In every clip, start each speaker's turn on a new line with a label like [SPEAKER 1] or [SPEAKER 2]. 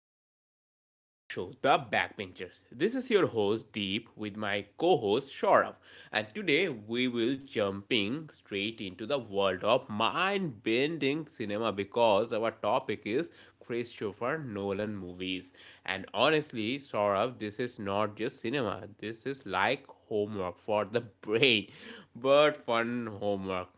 [SPEAKER 1] all our listeners in our show, The Backbenchers. This is your host Deep with my co-host Shaurav, and today we will jumping straight into the world of mind-bending cinema because our topic is Christopher Nolan movies. And honestly, Saurabh, this is not just cinema. This is like homework for the brain, but fun homework.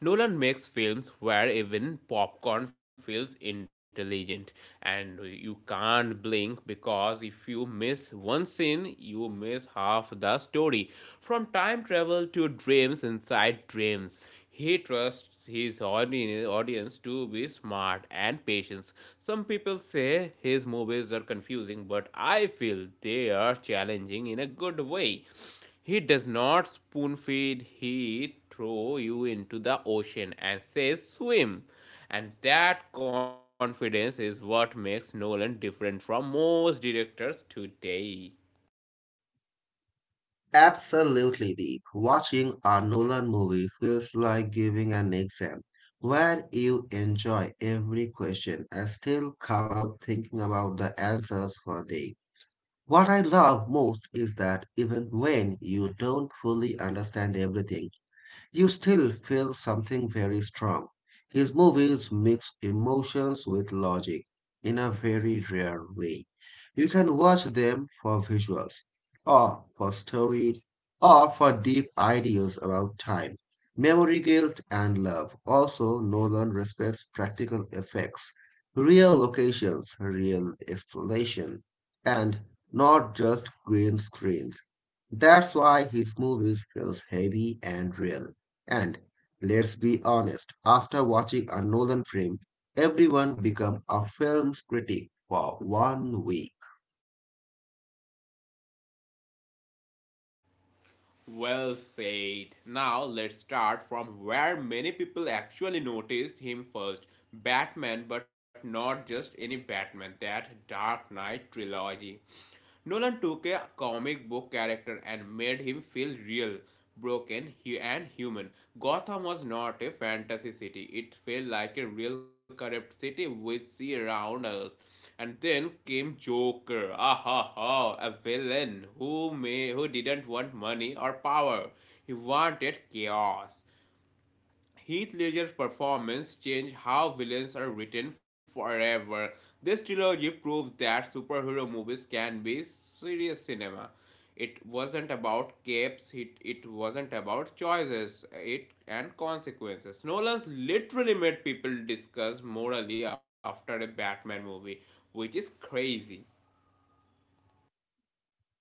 [SPEAKER 1] Nolan makes films where even popcorn feels intelligent and you can't blink because if you miss one scene, you miss half the story. From time travel to dreams inside dreams, he trusts his audience to be smart and patient. Some people say his movies are confusing, but I feel they are challenging in a good way. He does not spoon feed, he throw you into the ocean and says swim. And that confidence is what makes Nolan different from most directors today.
[SPEAKER 2] Absolutely, Deep. Watching a Nolan movie feels like giving an exam where you enjoy every question and still come out thinking about the answers for a day. What I love most is that even when you don't fully understand everything, you still feel something very strong. His movies mix emotions with logic in a very rare way. You can watch them for visuals, or for story, or for deep ideas about time, memory guilt, and love. Also, Nolan respects practical effects, real locations, real exploration, and not just green screens. That's why his movies feels heavy and real. And let's be honest, after watching a Nolan film, everyone become a film's critic for 1 week.
[SPEAKER 1] Well said. Now let's start from where many people actually noticed him first. Batman, but not just any Batman, that Dark Knight trilogy. Nolan took a comic book character and made him feel real, broken, and human. Gotham was not a fantasy city, it felt like a real corrupt city we see around us. And then came Joker, ah ha ha, a villain who didn't want money or power. He wanted chaos. Heath Ledger's performance changed how villains are written forever. This trilogy proved that superhero movies can be serious cinema. It wasn't about capes, it wasn't about choices it and consequences. Nolan's literally made people discuss morally after a Batman movie, which is crazy.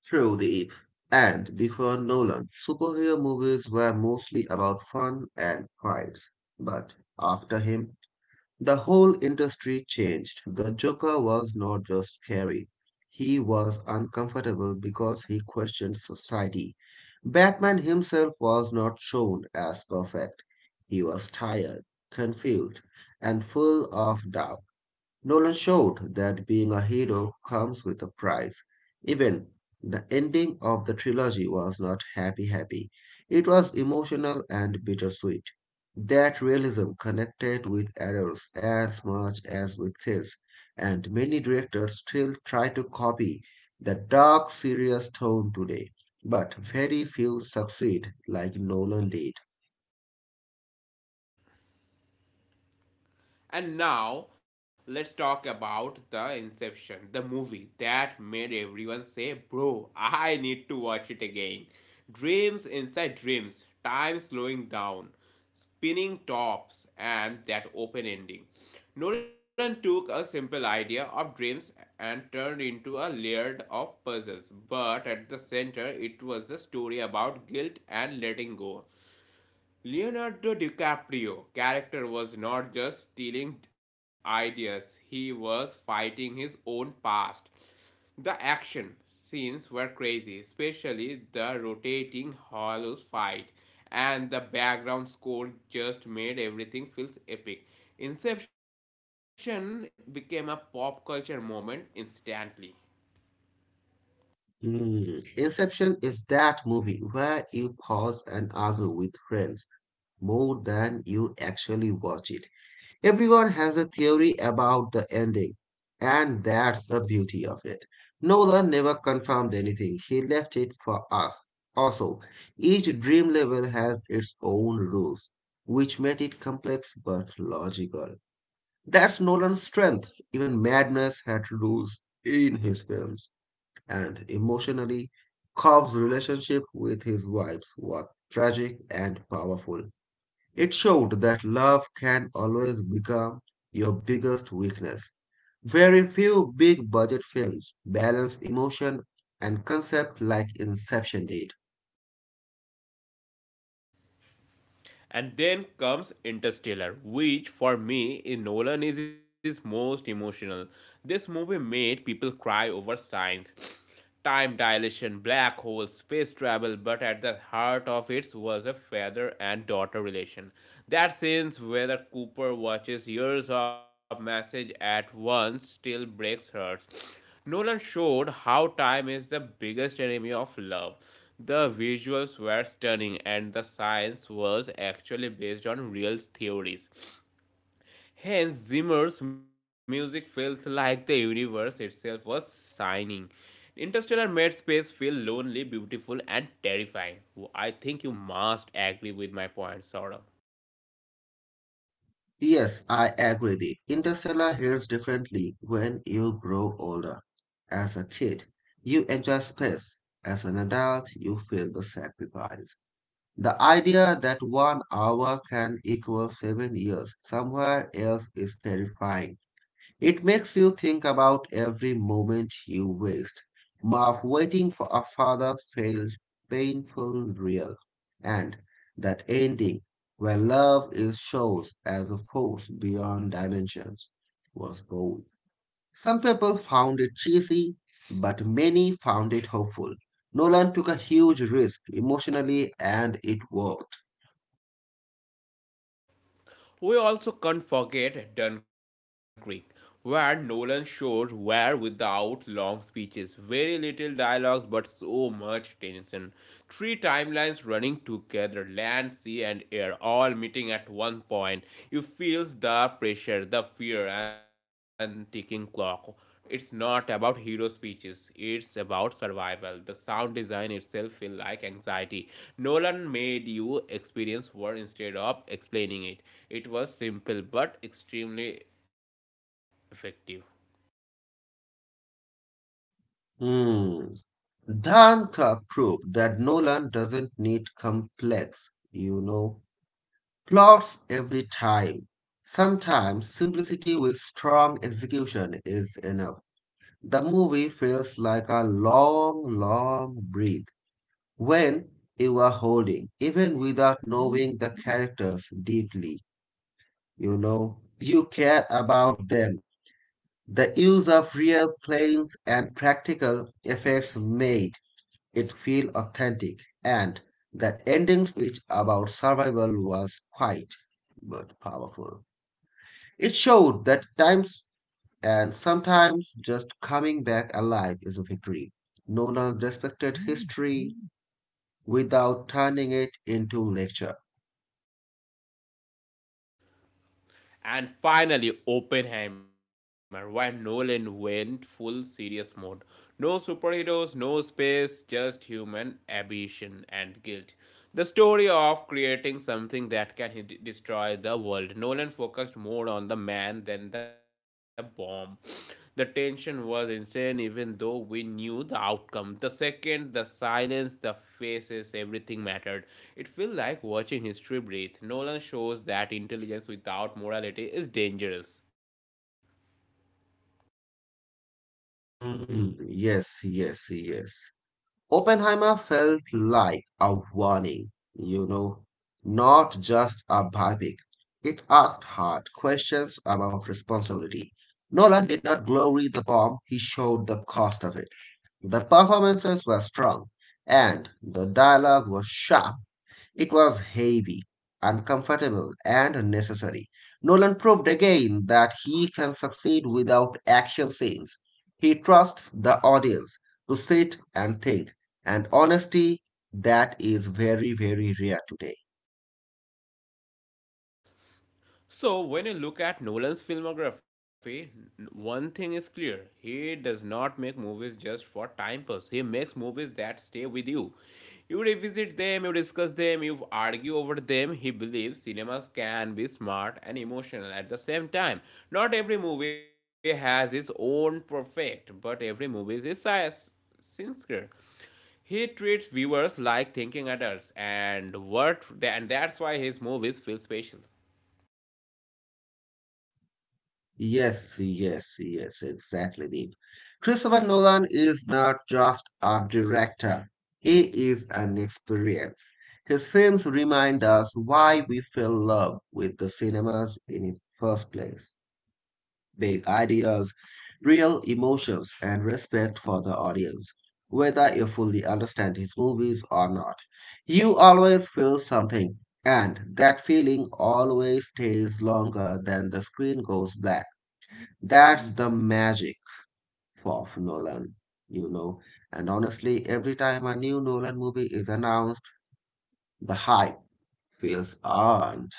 [SPEAKER 2] Truly. And before Nolan, superhero movies were mostly about fun and fights. But after him, the whole industry changed. The Joker was not just scary, he was uncomfortable because he questioned society. Batman himself was not shown as perfect. He was tired, confused, and full of doubt. Nolan showed that being a hero comes with a price. Even the ending of the trilogy was not happy. It was emotional and bittersweet. That realism connected with adults as much as with kids, and many directors still try to copy the dark, serious tone today, but very few succeed like Nolan did.
[SPEAKER 1] And now let's talk about The Inception, the movie that made everyone say, Bro, I need to watch it again. Dreams inside dreams, time slowing down, spinning tops, and that open ending. Nolan took a simple idea of dreams and turned into a layered of puzzles, but at the center it was a story about guilt and letting go. Leonardo DiCaprio character was not just stealing ideas, he was fighting his own past. The action scenes were crazy, especially the rotating hollows fight, and the background score just made everything feel epic. Inception became a pop culture moment instantly.
[SPEAKER 2] Hmm. Inception is that movie where you pause and argue with friends more than you actually watch it. Everyone has a theory about the ending, and that's the beauty of it. Nolan never confirmed anything, he left it for us. Also, each dream level has its own rules, which made it complex but logical. That's Nolan's strength. Even madness had rules in his films, and emotionally, Cobb's relationship with his wives was tragic and powerful. It showed that love can always become your biggest weakness. Very few big budget films balance emotion and concept like Inception did.
[SPEAKER 1] And then comes Interstellar, which for me in Nolan is his most emotional. This movie made people cry over science, time dilation, black holes, space travel, but at the heart of it was a father and daughter relation. That scene where Cooper watches years of message at once still breaks hearts. Nolan showed how time is the biggest enemy of love. The visuals were stunning, and the science was actually based on real theories. Hence, Zimmer's music feels like the universe itself was signing. Interstellar made space feel lonely, beautiful, and terrifying. I think you must agree with my point, sort of.
[SPEAKER 2] Yes, I agree that Interstellar hits differently when you grow older. As a kid, you enjoy space. As an adult, you feel the sacrifice. The idea that 1 hour can equal 7 years somewhere else is terrifying. It makes you think about every moment you waste. Marv waiting for a father felt painful real. And that ending where love is shows as a force beyond dimensions was bold. Some people found it cheesy, but many found it hopeful. Nolan took a huge risk emotionally and it worked.
[SPEAKER 1] We also can't forget Dunkirk, where Nolan showed where without long speeches, very little dialogues, but so much tension. Three timelines running together land, sea, and air, all meeting at one point. You feel the pressure, the fear, and ticking clock. It's not about hero speeches, it's about survival. The sound design itself feel like anxiety. Nolan made you experience war instead of explaining it. It was simple but extremely effective.
[SPEAKER 2] Hmm. Dhanka proved that Nolan doesn't need complex, plots every time. Sometimes simplicity with strong execution is enough. The movie feels like a long, long breath when you are holding, even without knowing the characters deeply. You know, you care about them. The use of real planes and practical effects made it feel authentic and that ending speech about survival was quiet but powerful. It showed that times and sometimes just coming back alive is a victory. Nolan respected history without turning it into lecture.
[SPEAKER 1] And finally, Oppenheimer, where Nolan went full serious mode. No superheroes, no space, just human ambition and guilt. The story of creating something that can destroy the world. Nolan focused more on the man than the bomb. The tension was insane, even though we knew the outcome. The second, the silence, the faces, everything mattered. It feels like watching history breathe. Nolan shows that intelligence without morality is dangerous.
[SPEAKER 2] Hmm, yes, yes, yes. Oppenheimer felt like a warning, not just a biopic. It asked hard questions about responsibility. Nolan did not glory the form, he showed the cost of it. The performances were strong and the dialogue was sharp. It was heavy, uncomfortable, and necessary. Nolan proved again that he can succeed without action scenes. He trusts the audience to sit and think, and honesty that is very, very rare today.
[SPEAKER 1] So, when you look at Nolan's filmography, one thing is clear. He does not make movies just for time pass. He makes movies that stay with you. You revisit them, you discuss them, you argue over them. He believes cinemas can be smart and emotional at the same time. Not every movie has its own perfect, but every movie is its sincere. He treats viewers like thinking adults, and that's why his movies feel special.
[SPEAKER 2] Yes, yes, yes, exactly, Deep. Christopher Nolan is not just a director, he is an experience. His films remind us why we fell in love with the cinemas in the first place. Big ideas, real emotions, and respect for the audience, whether you fully understand his movies or not. You always feel something, and that feeling always stays longer than the screen goes black. That's the magic of Nolan, you know. And honestly, every time a new Nolan movie is announced, the hype feels earned.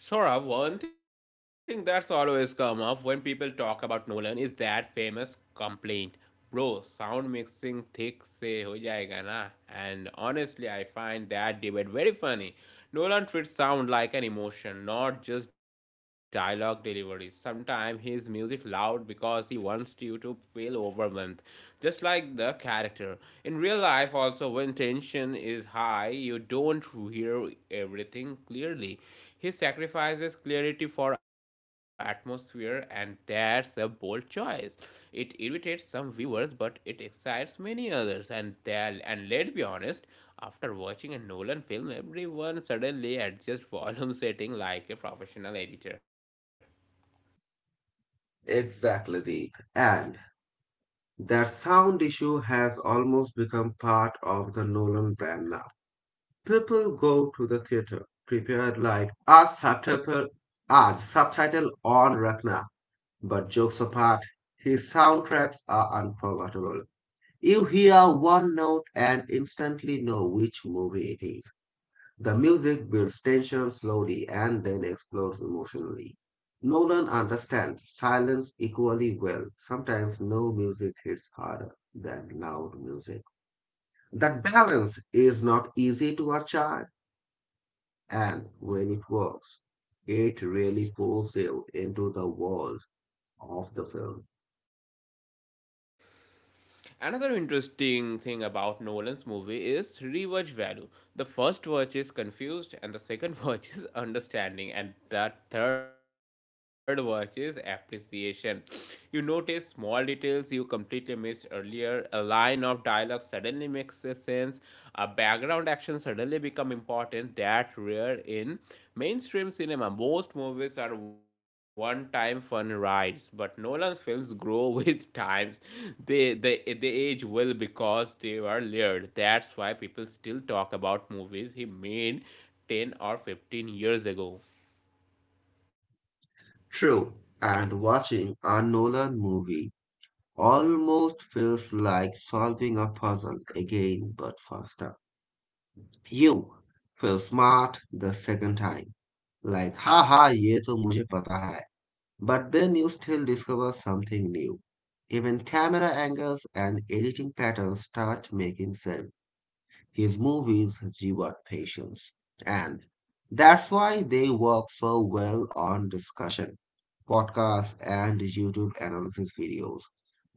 [SPEAKER 1] Saurabh, one thing that's always come up when people talk about Nolan is that famous complaint. Bro, sound mixing thick se ho jayega na. And honestly, I find that debate very funny. Nolan treats sound like an emotion, not just dialogue delivery. Sometimes his music loud because he wants you to feel overwhelmed, just like the character better. In real life, also, when tension is high, you don't hear everything clearly. He sacrifices clarity for atmosphere, and that's a bold choice. It irritates some viewers, but it excites many others. And that, and let's be honest, after watching a Nolan film, everyone suddenly adjusts volume setting like a professional editor.
[SPEAKER 2] Exactly, Deep. And that sound issue has almost become part of the Nolan brand now. People go to the theater prepared like a subtitle, ah, the subtitle on Ragnar. But jokes apart, his soundtracks are unforgettable. You hear one note and instantly know which movie it is. The music builds tension slowly and then explodes emotionally. Nolan understands silence equally well. Sometimes no music hits harder than loud music. That balance is not easy to achieve, and when it works, it really pulls you into the world of the film.
[SPEAKER 1] Another interesting thing about Nolan's movie is rewatch value. The first watch is confused, and the second watch is understanding, and the third watch is appreciation. You notice small details you completely missed earlier. A line of dialogue suddenly makes sense. A background action suddenly become important that rare in mainstream cinema. Most movies are one time fun rides, but Nolan's films grow with times. They age well because they were layered. That's why people still talk about movies he made 10 or 15 years ago.
[SPEAKER 2] True, and watching a Nolan movie almost feels like solving a puzzle again, but faster. You feel smart the second time. Like, ha ha, ye to mujhe pata hai. But then you still discover something new. Even camera angles and editing patterns start making sense. His movies reward patience. And that's why they work so well on discussion podcasts, and YouTube analysis videos.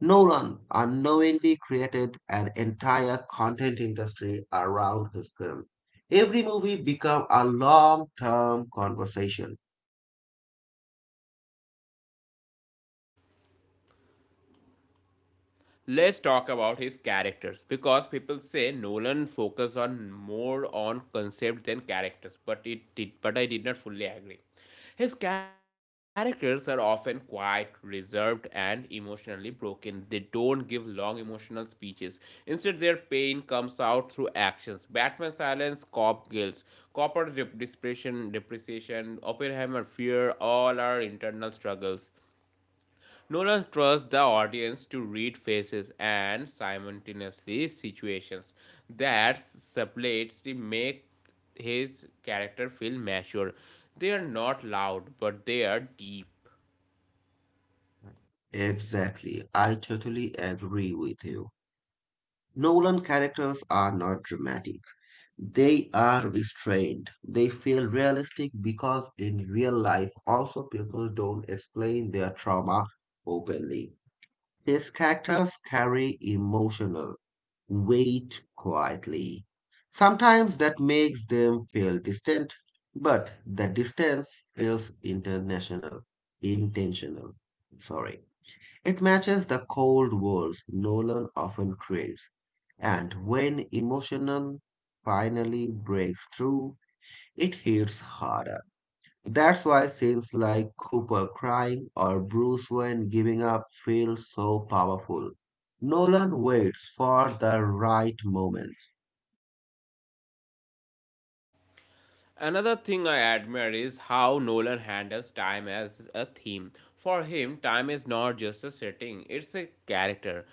[SPEAKER 2] Nolan unknowingly created an entire content industry around his film. Every movie became a long term conversation.
[SPEAKER 1] Let's talk about his characters because people say Nolan focused on more on concept than characters, but I did not fully agree. His characters are often quiet, reserved, and emotionally broken. They don't give long emotional speeches. Instead, their pain comes out through actions. Batman silence, cop guilt, Copper's depression, depreciation, Oppenheimer fear, all are internal struggles. Nolan trusts the audience to read faces and simultaneously situations that subtly make his character feel mature. They are not loud, but they are deep.
[SPEAKER 2] Exactly. I totally agree with you. Nolan characters are not dramatic. They are restrained. They feel realistic because in real life, also people don't explain their trauma openly. His characters carry emotional weight quietly. Sometimes that makes them feel distant, but the distance feels intentional. Sorry. It matches the cold walls Nolan often craves. And when emotional finally breaks through, it hits hard. That's why scenes like Cooper crying or Bruce Wayne giving up feel so powerful. Nolan waits for the right moment.
[SPEAKER 1] Another thing I admire is how Nolan handles time as a theme. For him, time is not just a setting, it's a character.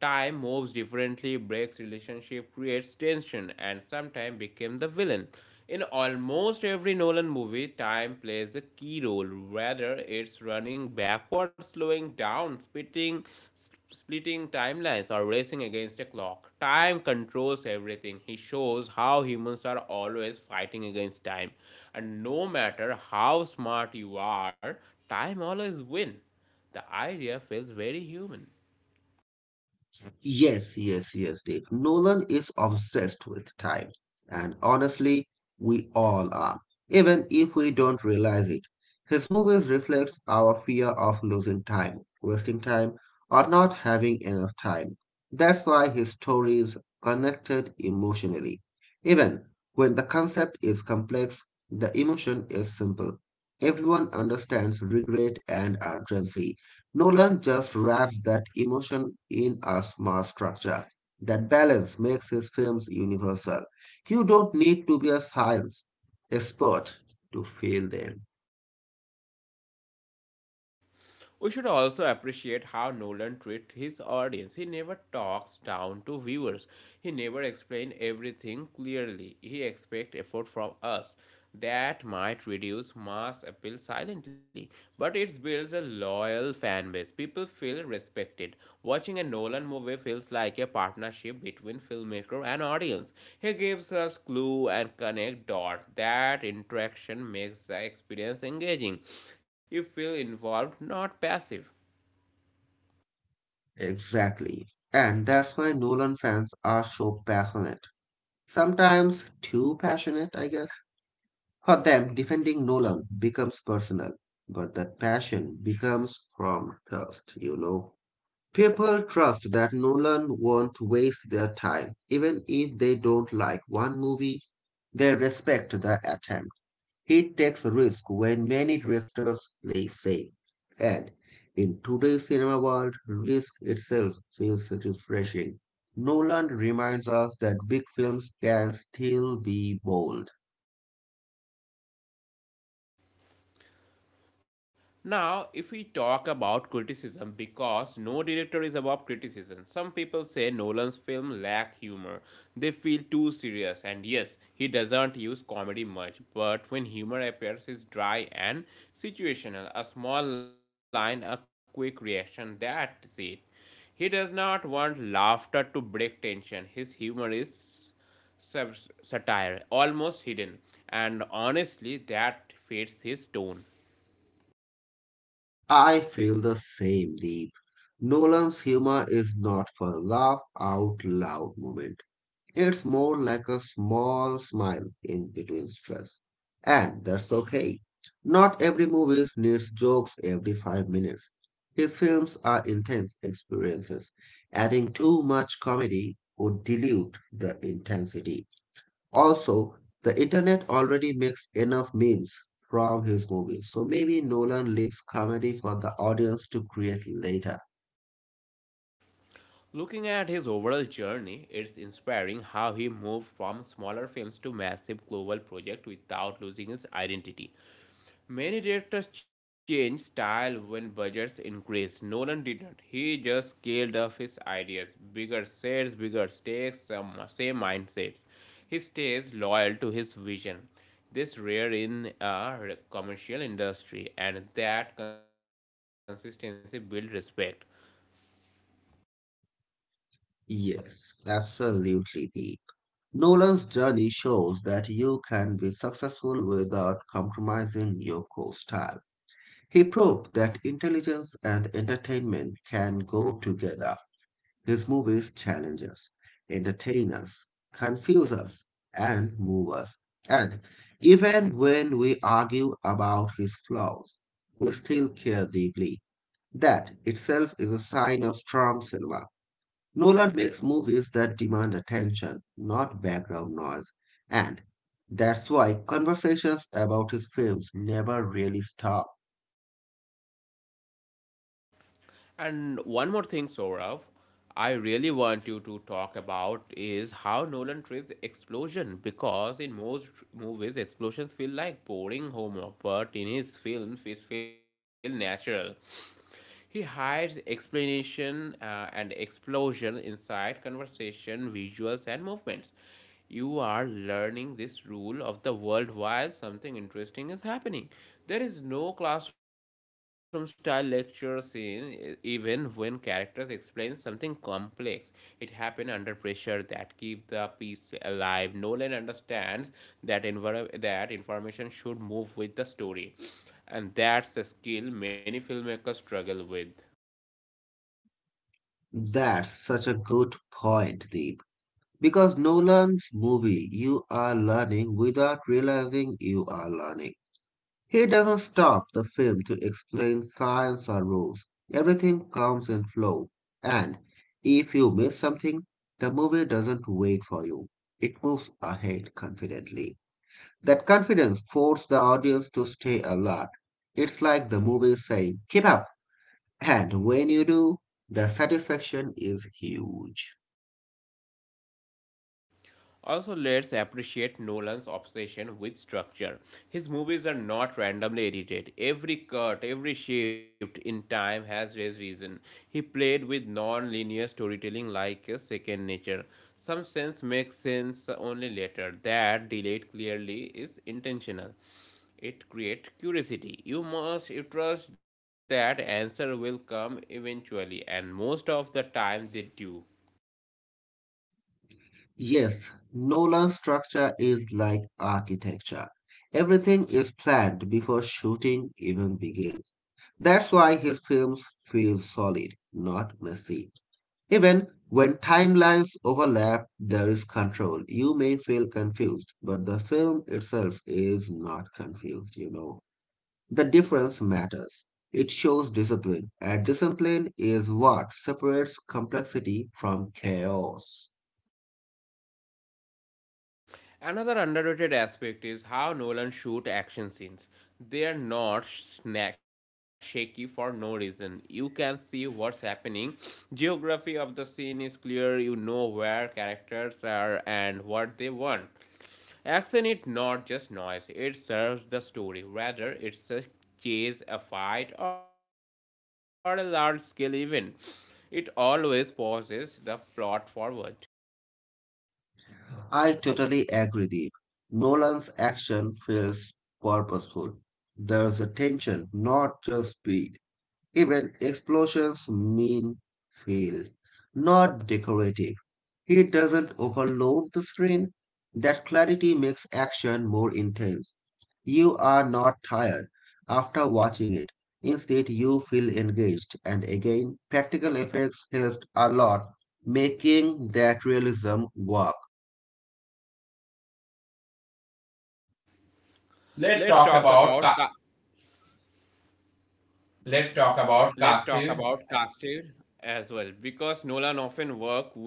[SPEAKER 1] Time moves differently, breaks relationship, creates tension, and sometimes becomes the villain. In almost every Nolan movie, time plays a key role, whether it's running backwards, slowing down, splitting timelines or racing against a clock. Time controls everything. He shows how humans are always fighting against time. And no matter how smart you are, time always wins. The idea feels very human.
[SPEAKER 2] Yes, yes, yes, Dave. Nolan is obsessed with time. And honestly, we all are, even if we don't realize it. His movies reflects our fear of losing time, wasting time, or not having enough time. That's why his stories connected emotionally. Even when the concept is complex, the emotion is simple. Everyone understands regret and urgency. Nolan just wraps that emotion in a smart structure. That balance makes his films universal. You don't need to be a science expert to feel them.
[SPEAKER 1] We should also appreciate how Nolan treats his audience. He never talks down to viewers. He never explains everything clearly. He expects effort from us. That might reduce mass appeal silently, but it builds a loyal fan base. People feel respected. Watching a Nolan movie feels like a partnership between filmmaker and audience. He gives us clues and connect dots. That interaction makes the experience engaging. You feel involved, not passive.
[SPEAKER 2] Exactly. And that's why Nolan fans are so passionate. Sometimes too passionate, I guess. For them, defending Nolan becomes personal, but that passion becomes from thirst, you know. People trust that Nolan won't waste their time. Even if they don't like one movie, they respect the attempt. He takes risk when many directors play safe. And in today's cinema world, risk itself feels refreshing. Nolan reminds us that big films can still be bold.
[SPEAKER 1] Now, if we talk about criticism, because no director is above criticism, some people say Nolan's film lack humor. They feel too serious, and yes, he doesn't use comedy much, but when humor appears, it's dry and situational. A small line, a quick reaction, that's it. He does not want laughter to break tension. His humor is satire, almost hidden, and honestly, that fits his tone.
[SPEAKER 2] I feel the same deep. Nolan's humor is not for laugh out loud moment. It's more like a small smile in between stress. And that's okay. Not every movie needs jokes every 5 minutes. His films are intense experiences. Adding too much comedy would dilute the intensity. Also, the internet already makes enough memes from his movies. So maybe Nolan leaves comedy for the audience to create later.
[SPEAKER 1] Looking at his overall journey, it's inspiring how he moved from smaller films to massive global projects without losing his identity. Many directors change style when budgets increase. Nolan didn't. He just scaled up his ideas. Bigger sets, bigger stakes, same mindsets. He stays loyal to his vision. This rare in a commercial industry, and that consistency builds respect.
[SPEAKER 2] Yes, absolutely. Nolan's journey shows that you can be successful without compromising your core style. He proved that intelligence and entertainment can go together. His movies challenge us, entertain us, confuse us, and move us. And even when we argue about his flaws, we still care deeply. That itself is a sign of strong cinema. Nolan makes movies that demand attention, not background noise, and that's why conversations about his films never really stop.
[SPEAKER 1] And one more thing, Sourav, I really want you to talk about is how Nolan treats explosion because in most movies explosions feel like boring homework, but in his films it feel natural. He hides explanation and explosion inside conversation, visuals, and movements. You are learning this rule of the world while something interesting is happening. There is no classroom style lecture scene, even when characters explain something complex. It happened under pressure that keep the piece alive. Nolan understands that information should move with the story and that's a skill many filmmakers struggle with.
[SPEAKER 2] That's such a good point, Deep. Because Nolan's movie, you are learning without realizing you are learning. He doesn't stop the film to explain science or rules. Everything comes in flow. And if you miss something, the movie doesn't wait for you. It moves ahead confidently. That confidence forced the audience to stay alert. It's like the movie saying, keep up. And when you do, the satisfaction is huge.
[SPEAKER 1] Also, let's appreciate Nolan's obsession with structure. His movies are not randomly edited. Every cut, every shift in time has his reason. He played with non linear storytelling like a second nature. Some scenes make sense only later. That delayed clearly is intentional. It creates curiosity. You must trust that answer will come eventually, and most of the time they do.
[SPEAKER 2] Yes, Nolan's structure is like architecture. Everything is planned before shooting even begins. That's why his films feel solid, not messy. Even when timelines overlap, there is control. You may feel confused, but the film itself is not confused, you know. The difference matters. It shows discipline, and discipline is what separates complexity from chaos.
[SPEAKER 1] Another underrated aspect is how Nolan shoot action scenes. They are not shaky for no reason. You can see what's happening. Geography of the scene is clear. You know where characters are and what they want. Action is not just noise. It serves the story. Rather, it's a chase, a fight, or a large-scale event. It always pauses the plot forward.
[SPEAKER 2] I totally agree, Deep. Nolan's action feels purposeful. There's a tension, not just speed. Even explosions mean feel, not decorative. It doesn't overload the screen. That clarity makes action more intense. You are not tired after watching it. Instead, you feel engaged. And again, practical effects helped a lot, making that realism work.
[SPEAKER 1] Let's
[SPEAKER 2] Let's talk
[SPEAKER 1] talk
[SPEAKER 2] about
[SPEAKER 1] about.
[SPEAKER 2] ca-
[SPEAKER 1] Ka-
[SPEAKER 2] let's
[SPEAKER 1] let's
[SPEAKER 2] talk
[SPEAKER 1] talk
[SPEAKER 2] about
[SPEAKER 1] about
[SPEAKER 2] casting.
[SPEAKER 1] casting as well because Nolan often work with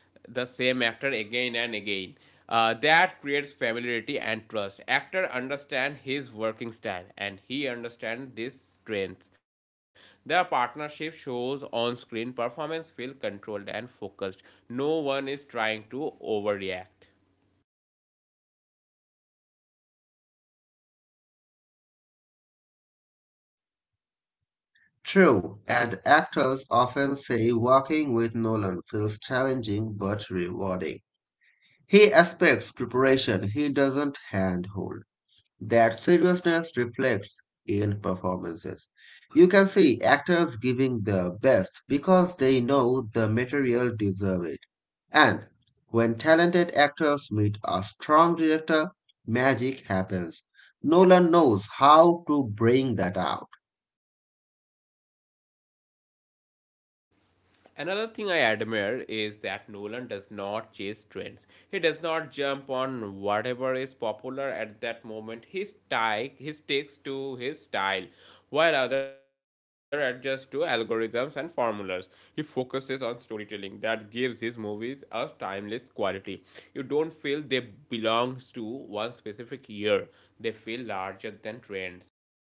[SPEAKER 1] the same actor again and again. That creates familiarity and trust. Actor understand his working style and he understand these strengths. Their partnership shows on screen performance feel controlled and focused. No one is trying to overreact.
[SPEAKER 2] True, and actors often say working with Nolan feels challenging but rewarding. He expects preparation, he doesn't handhold. That seriousness reflects in performances. You can see actors giving their best because they know the material deserves it. And when talented actors meet a strong director, magic happens. Nolan knows how to bring that out.
[SPEAKER 1] Another thing I admire is that Nolan does not chase trends. He does not jump on whatever is popular at that moment. He sticks to his style, while others adjust to algorithms and formulas. He focuses on storytelling that gives his movies a timeless quality. You don't feel they belongs to one specific year. They feel larger than trends.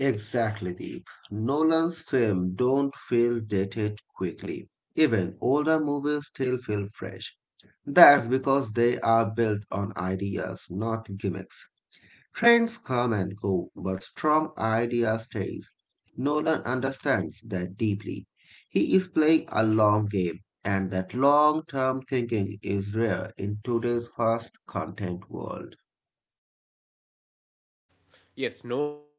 [SPEAKER 2] Exactly, Deep. Nolan's films don't feel dated quickly. Even older movies still feel fresh. That's because they are built on ideas, not gimmicks. Trends come and go, but strong idea stays. Nolan understands that deeply. He is playing a long game, and that long term thinking is rare in today's fast content world.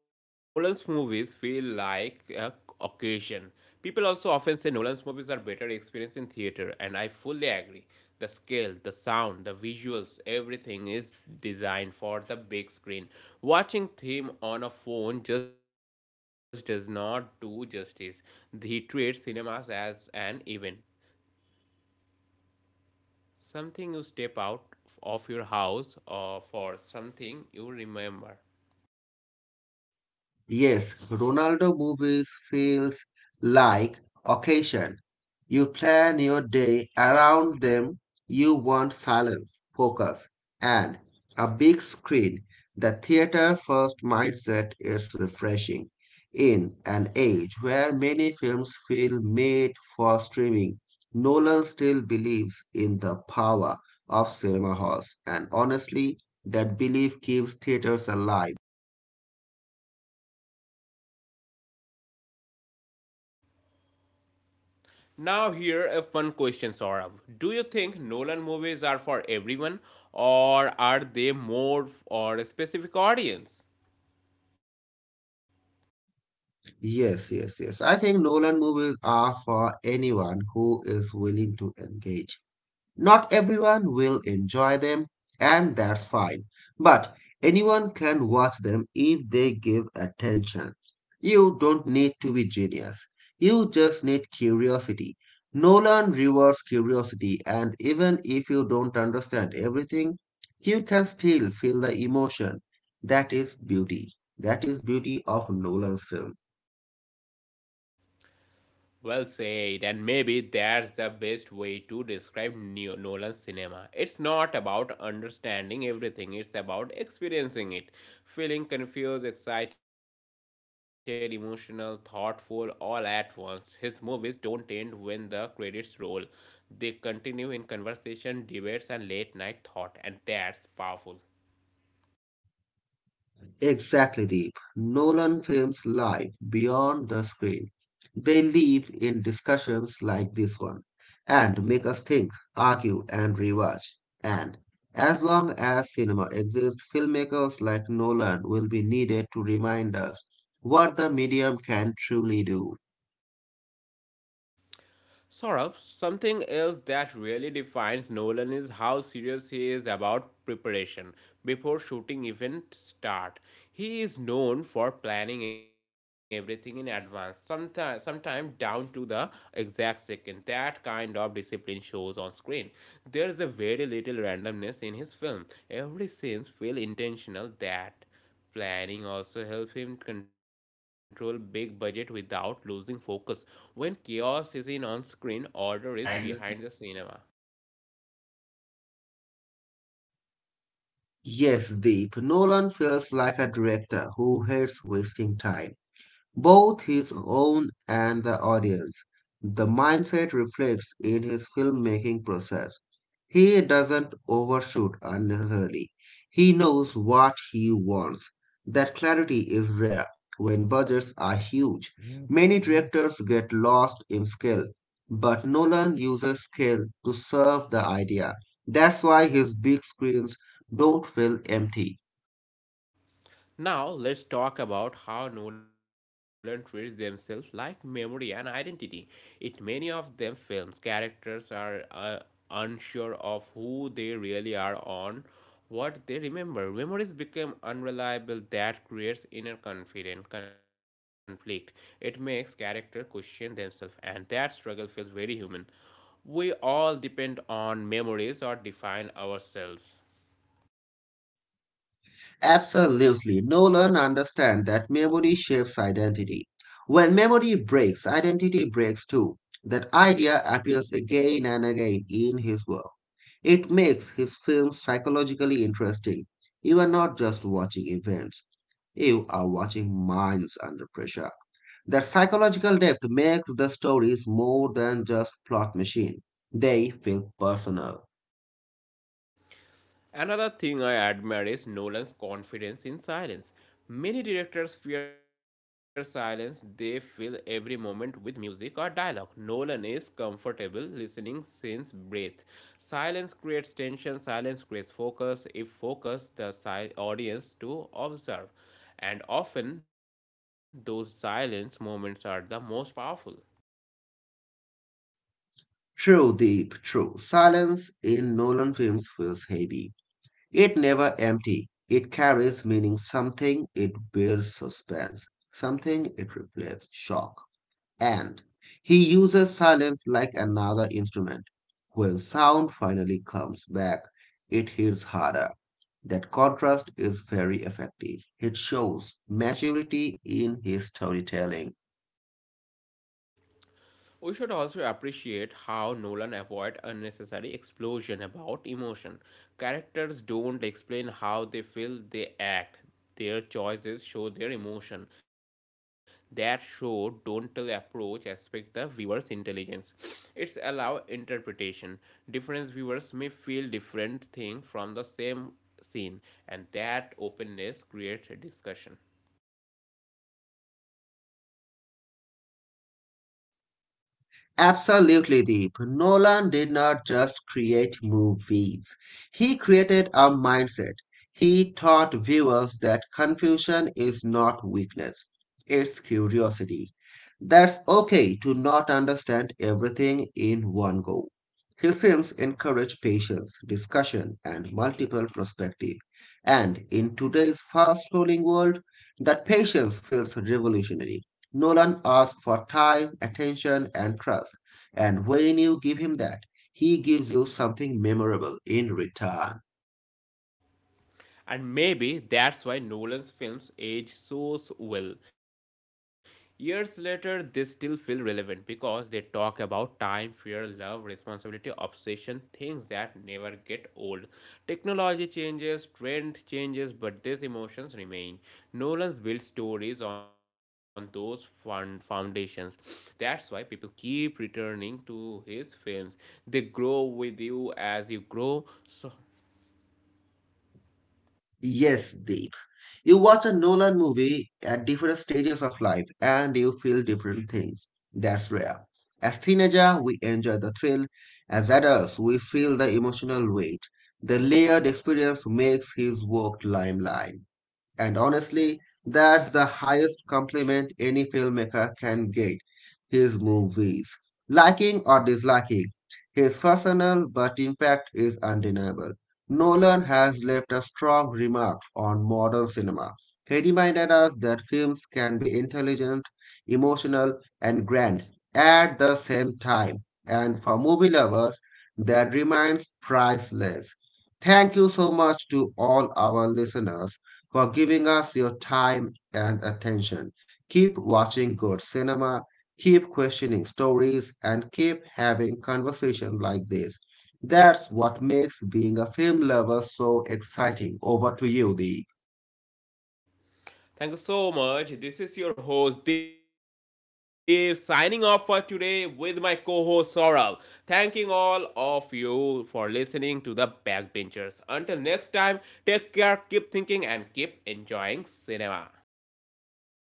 [SPEAKER 1] Yes, Nolan's movies feel like a occasion. People also often say Nolan's movies are better experience in theater, and I fully agree. The scale, the sound, the visuals, everything is designed for the big screen. Watching him on a phone just does not do justice. He treats cinemas as an event, something you step out of your house or for something you remember.
[SPEAKER 2] Yes, Ronaldo movies feels like occasion. You plan your day around them. You want silence, focus, and a big screen. The theater first mindset is refreshing in an age where many films feel made for streaming. Nolan still believes in the power of cinema halls, and honestly, that belief keeps theaters alive.
[SPEAKER 1] Now here a fun question, Saurabh. Do you think Nolan movies are for everyone or are they more for a specific audience?
[SPEAKER 2] Yes, yes, yes. I think Nolan movies are for anyone who is willing to engage. Not everyone will enjoy them, and that's fine. But anyone can watch them if they give attention. You don't need to be genius. You just need curiosity. Nolan rewards curiosity, and even if you don't understand everything, you can still feel the emotion. That is beauty. That is beauty of Nolan's film.
[SPEAKER 1] Well said, and maybe that's the best way to describe Nolan's cinema. It's not about understanding everything, it's about experiencing it. Feeling confused, excited, emotional, thoughtful, all at once. His movies don't end when the credits roll, they continue in conversation, debates, and late night thought, and that's powerful.
[SPEAKER 2] Exactly, Deep. Nolan films life beyond the screen. They live in discussions like this one and make us think, argue, and rewatch. And as long as cinema exists, filmmakers like Nolan will be needed to remind us what the medium can truly do.
[SPEAKER 1] Saurabh, something else that really defines Nolan is how serious he is about preparation before shooting even start. He is known for planning everything in advance, sometimes down to the exact second. That kind of discipline shows on screen. There is a very little randomness in his film. Every scene feels intentional that planning also helps him control big budget without losing focus. When chaos is in on screen, order is behind the
[SPEAKER 2] Behind the scenes.
[SPEAKER 1] cinema.
[SPEAKER 2] Yes, Deep. Nolan feels like a director who hates wasting time, both his own and the audience. The mindset reflects in his filmmaking process. He doesn't overshoot unnecessarily. He knows what he wants. That clarity is rare when budgets are huge. Many directors get lost in scale, but Nolan uses scale to serve the idea. That's why his big screens don't feel empty.
[SPEAKER 1] Now, let's talk about how Nolan treats themselves like memory and identity. In many of them films, characters are unsure of who they really are on what they remember. Memories become unreliable that creates inner confident conflict. It makes character question themselves and that struggle feels very human. We all depend on memories or define ourselves.
[SPEAKER 2] Absolutely. Nolan understands that memory shapes identity. When memory breaks, identity breaks too. That idea appears again and again in his work. It makes his films psychologically interesting. You are not just watching events, you are watching minds under pressure. That psychological depth makes the stories more than just plot machine. They feel personal.
[SPEAKER 1] Another thing I admire is Nolan's confidence in silence. Many directors fear silence, they fill every moment with music or dialogue. Nolan is comfortable listening since breath. Silence creates tension, silence creates focus. If focus, the audience to observe. And often, those silence moments are the most powerful.
[SPEAKER 2] True, deep, true. Silence in Nolan films feels heavy. It never empty. It carries meaning, something it bears suspense, something it reflects shock. And he uses silence like another instrument. When sound finally comes back, it hits harder. That contrast is very effective. It shows maturity in his storytelling.
[SPEAKER 1] We should also appreciate how Nolan avoid unnecessary explosion about emotion. Characters don't explain how they feel, they act. Their choices show their emotion. That show don't tell approach aspect the viewer's intelligence. It's allow interpretation. Different viewers may feel different thing from the same scene and that openness creates a discussion.
[SPEAKER 2] Absolutely, Deep. Nolan did not just create movies, he created a mindset. He taught viewers that confusion is not weakness, it's curiosity. That's okay to not understand everything in one go. His films encourage patience, discussion, and multiple perspective. And in today's fast-rolling world, that patience feels revolutionary. Nolan asked for time, attention, and trust, and when you give him that, he gives you something memorable in return.
[SPEAKER 1] And maybe that's why Nolan's films age so well. Years later, they still feel relevant because they talk about time, fear, love, responsibility, obsession, things that never get old. Technology changes, trend changes, but these emotions remain. Nolan's built stories on those fun foundations. That's why people keep returning to his films. They grow with you as you grow. So
[SPEAKER 2] Yes, Deep. You watch a Nolan movie at different stages of life and you feel different things. That's rare. As teenager, we enjoy the thrill. As adults, we feel the emotional weight. The layered experience makes his work limelight. And honestly, that's the highest compliment any filmmaker can get. His movies, liking or disliking, his personal but impact is undeniable. Nolan has left a strong remark on modern cinema. He reminded us that films can be intelligent, emotional, and grand at the same time. And for movie lovers, that remains priceless. Thank you so much to all our listeners for giving us your time and attention. Keep watching good cinema, keep questioning stories, and keep having conversations like this. That's what makes being a film lover so exciting. Over to you, Dee.
[SPEAKER 1] thank you so much. This is your host Dave signing off for today with my co host Saurabh. Thanking all of you for listening to the Backbenchers. Until next time, take care, keep thinking, and keep enjoying cinema.